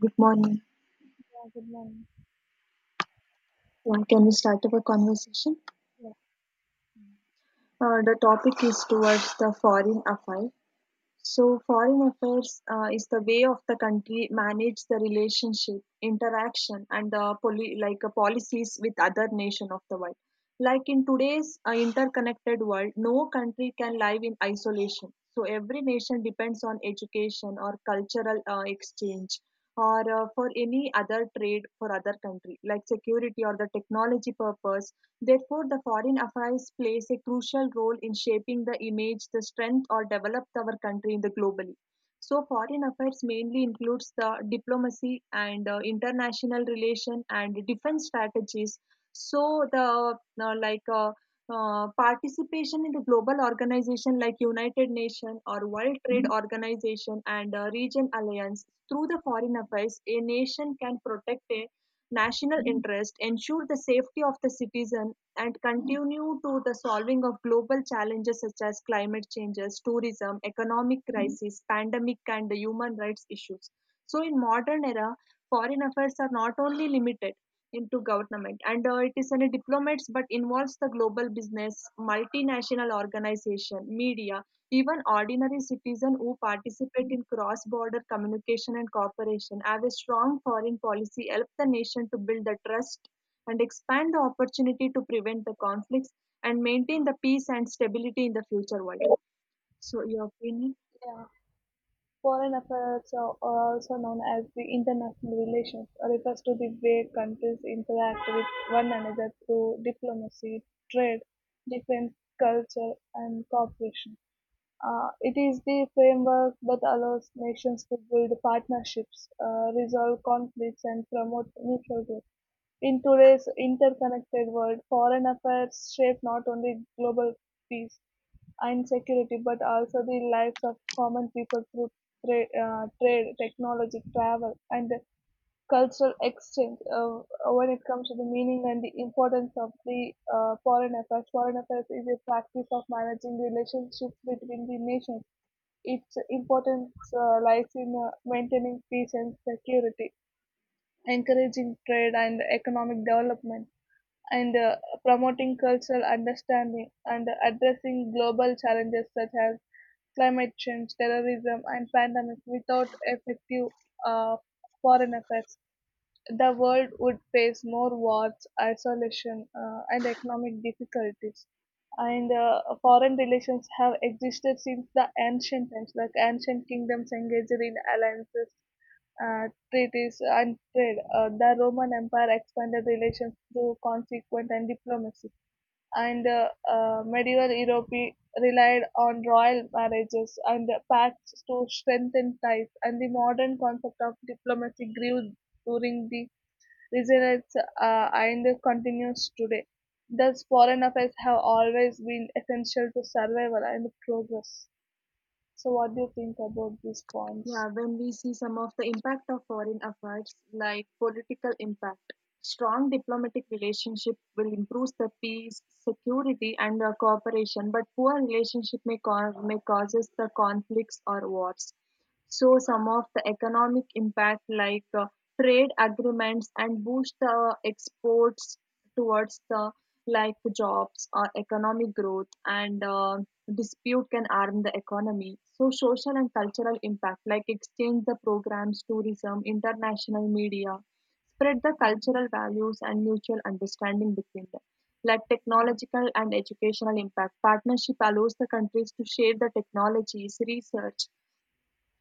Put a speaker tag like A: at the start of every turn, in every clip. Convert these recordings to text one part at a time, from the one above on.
A: Good morning.
B: Yeah, good morning.
A: Yeah, can we start our conversation?
B: Yeah,
A: The topic is towards the foreign affairs. So, foreign affairs is the way of the country manage the relationship, interaction, and the policies with other nation of the world. Like in today's interconnected world, no country can live in isolation. So, every nation depends on education or cultural exchange or for any other trade for other country like security or the technology purpose. Therefore, the foreign affairs plays a crucial role in shaping the image, the strength, or developed our country in the globally. So, foreign affairs mainly includes the diplomacy and international relation and defense strategies. So, the like participation in the global organization like United Nations or World Trade Organization and Region Alliance through the foreign affairs, a nation can protect a national interest, ensure the safety of the citizen, and continue to the solving of global challenges such as climate changes, tourism, economic crisis, pandemic, and the human rights issues. So, in modern era, foreign affairs are not only limited into government and it is any diplomats but involves the global business multinational organization media even ordinary citizen who participate in cross-border communication and cooperation have a strong foreign policy help the nation to build the trust and expand the opportunity to prevent the conflicts and maintain the peace and stability in the future world. So, your opinion?
B: yeah. Foreign affairs are also known as the international relations, or refers to the way countries interact with one another through diplomacy, trade, defense, culture, and cooperation. It is the framework that allows nations to build partnerships, resolve conflicts, and promote mutual growth. In today's interconnected world, foreign affairs shape not only global peace and security but also the lives of common people through trade, trade technology, travel, and cultural exchange. When it comes to the meaning and the importance of the foreign affairs is a practice of managing relationships between the nations. Its importance lies in maintaining peace and security, encouraging trade and economic development and promoting cultural understanding and addressing global challenges such as climate change, terrorism, and pandemic without effective uh, foreign affairs. The world would face more wars, isolation, and economic difficulties. And foreign relations have existed since the ancient times, like ancient kingdoms engaged in alliances treaties, and trade. The Roman Empire expanded relations through consequent and diplomacy, and medieval Europe relied on royal marriages and pacts to strengthen ties, and the modern concept of diplomacy grew during the Renaissance and continues today. Thus, foreign affairs have always been essential to survival and progress. So, what do you think about these
A: Yeah,
B: points?
A: when we see some of the impact of foreign affairs, like political impact, strong diplomatic relationship will improve the peace, security, and cooperation. But poor relationship may causes the conflicts or wars. So some of the economic impact like trade agreements and boost the exports towards the like jobs or economic growth and dispute can harm the economy so social and cultural impact like exchange the programs tourism international media spread the cultural values and mutual understanding between them like technological and educational impact partnership allows the countries to share the technologies research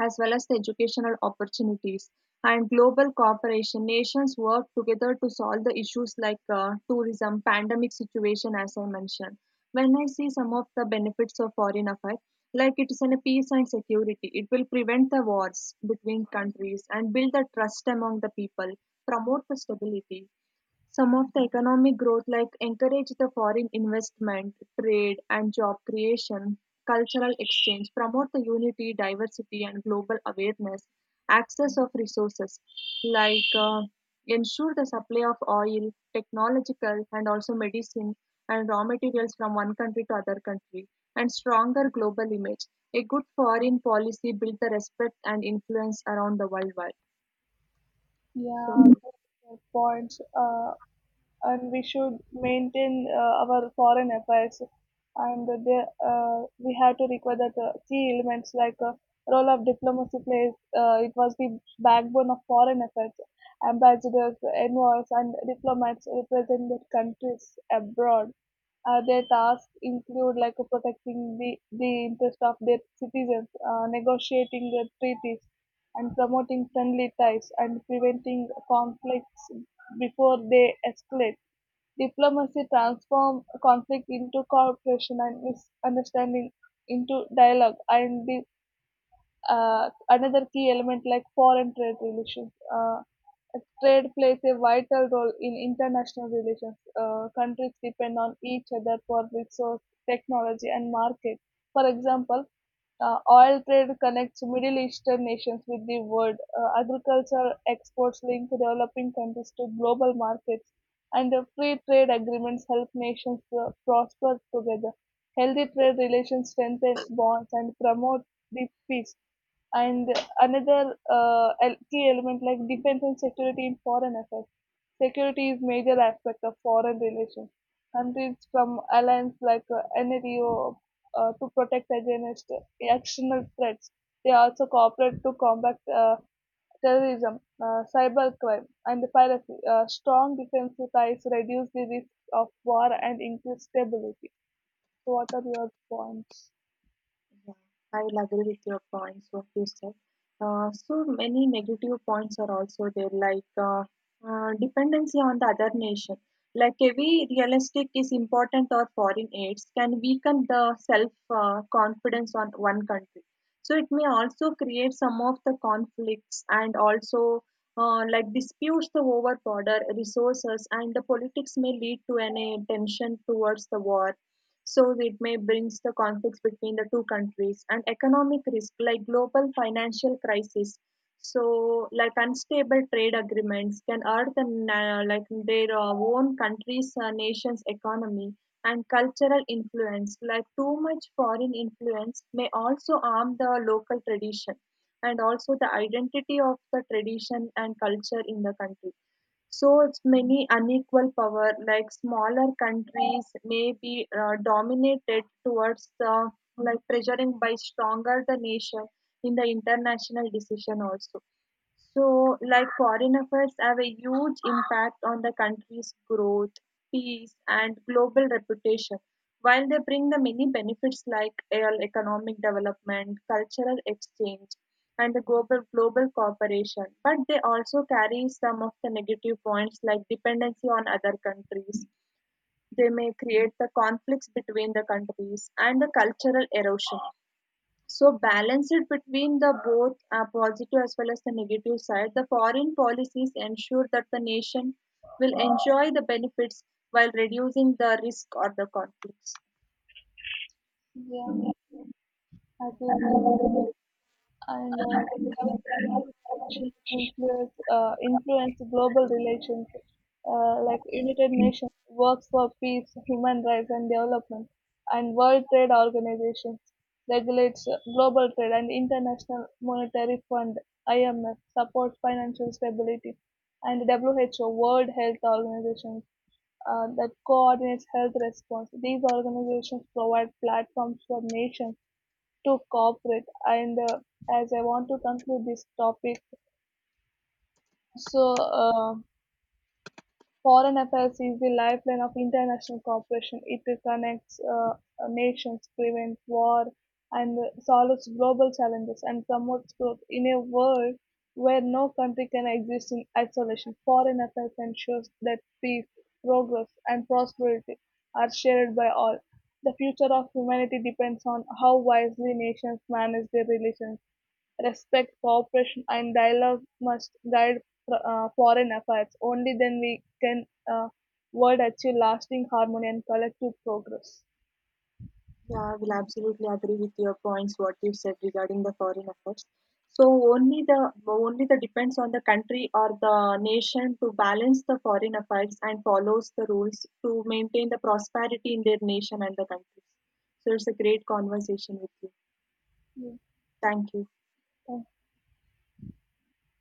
A: as well as the educational opportunities. And global cooperation, nations work together to solve the issues like tourism, pandemic situation, as I mentioned. When I see some of the benefits of foreign affairs, like it is in a peace and security, it will prevent the wars between countries and build the trust among the people, promote the stability, some of the economic growth like encourage the foreign investment, trade and job creation, cultural exchange, promote the unity, diversity and global awareness, access of resources like ensure the supply of oil, technological and also medicine and raw materials from one country to other country and stronger global image. A good foreign policy build the respect and influence around the worldwide. So
B: Yeah, good points. And we should maintain our foreign affairs and we have to require that key elements like role of diplomacy plays, it was the backbone of foreign affairs, ambassadors envoys and diplomats represent their countries abroad. Their tasks include like protecting the interest of their citizens, negotiating their treaties, and promoting friendly ties and preventing conflicts before they escalate. Diplomacy transforms conflict into cooperation and misunderstanding into dialogue, and the another key element like foreign trade relations. Trade plays a vital role in international relations. Countries depend on each other for resource, technology, and market. For example, oil trade connects Middle Eastern nations with the world. Agriculture exports link developing countries to global markets, and free trade agreements help nations prosper together. Healthy trade relations strengthen bonds and promote this peace. And another key element like defense and security in foreign affairs. Security is major aspect of foreign relations. Countries from alliance like NATO to protect against external threats. They also cooperate to combat terrorism, cybercrime, and piracy. Strong defensive ties reduce the risk of war and increase stability. So, what are your points?
A: I will agree with your points, what you said. So many negative points are also there, like dependency on the other nation. Like heavy realistic is important or foreign aids can weaken the self confidence on one country. So it may also create some of the conflicts and also like disputes the over border resources and the politics may lead to an a tension towards the war so it may brings the conflicts between the two countries and economic risk like global financial crisis. So like unstable trade agreements can hurt the their own countries, nations economy and cultural influence. Like too much foreign influence may also harm the local tradition and also the identity of the tradition and culture in the country so its many unequal power, like smaller countries, may be dominated towards the like pressuring by stronger the nation in the international decision also. So, like foreign affairs have a huge impact on the country's growth, peace, and global reputation. While they bring the many benefits like economic development, cultural exchange, and the global cooperation, but they also carry some of the negative points like dependency on other countries. They may create the conflicts between the countries and the cultural erosion. So balance it between the both positive as well as the negative side. The foreign policies ensure that the nation will enjoy the benefits while reducing the risk or the conflicts.
B: Yeah, I agree with you. And Organizations influence, influence global relations like United Nations works for peace, human rights, and development, and World Trade Organization regulates global trade, and International Monetary Fund (IMF) supports financial stability, and WHO World Health Organization that coordinates health response. These organizations provide platforms for nations to cooperate. And As I want to conclude this topic, so uh, foreign affairs is the lifeline of international cooperation. It connects nations, prevents war, and solves global challenges and promotes growth in a world where no country can exist in isolation. Foreign affairs ensures that peace, progress, and prosperity are shared by all. The future of humanity depends on how wisely nations manage their relations. Respect, cooperation, and dialogue must guide foreign affairs. Only then we can uh, world achieve lasting harmony and collective progress.
A: Yeah, I will absolutely agree with your points what you said regarding the foreign affairs. So only the depends on the country or the nation to balance the foreign affairs and follows the rules to maintain the prosperity in their nation and the country. So it's a great conversation with you.
B: Yeah.
A: Thank you.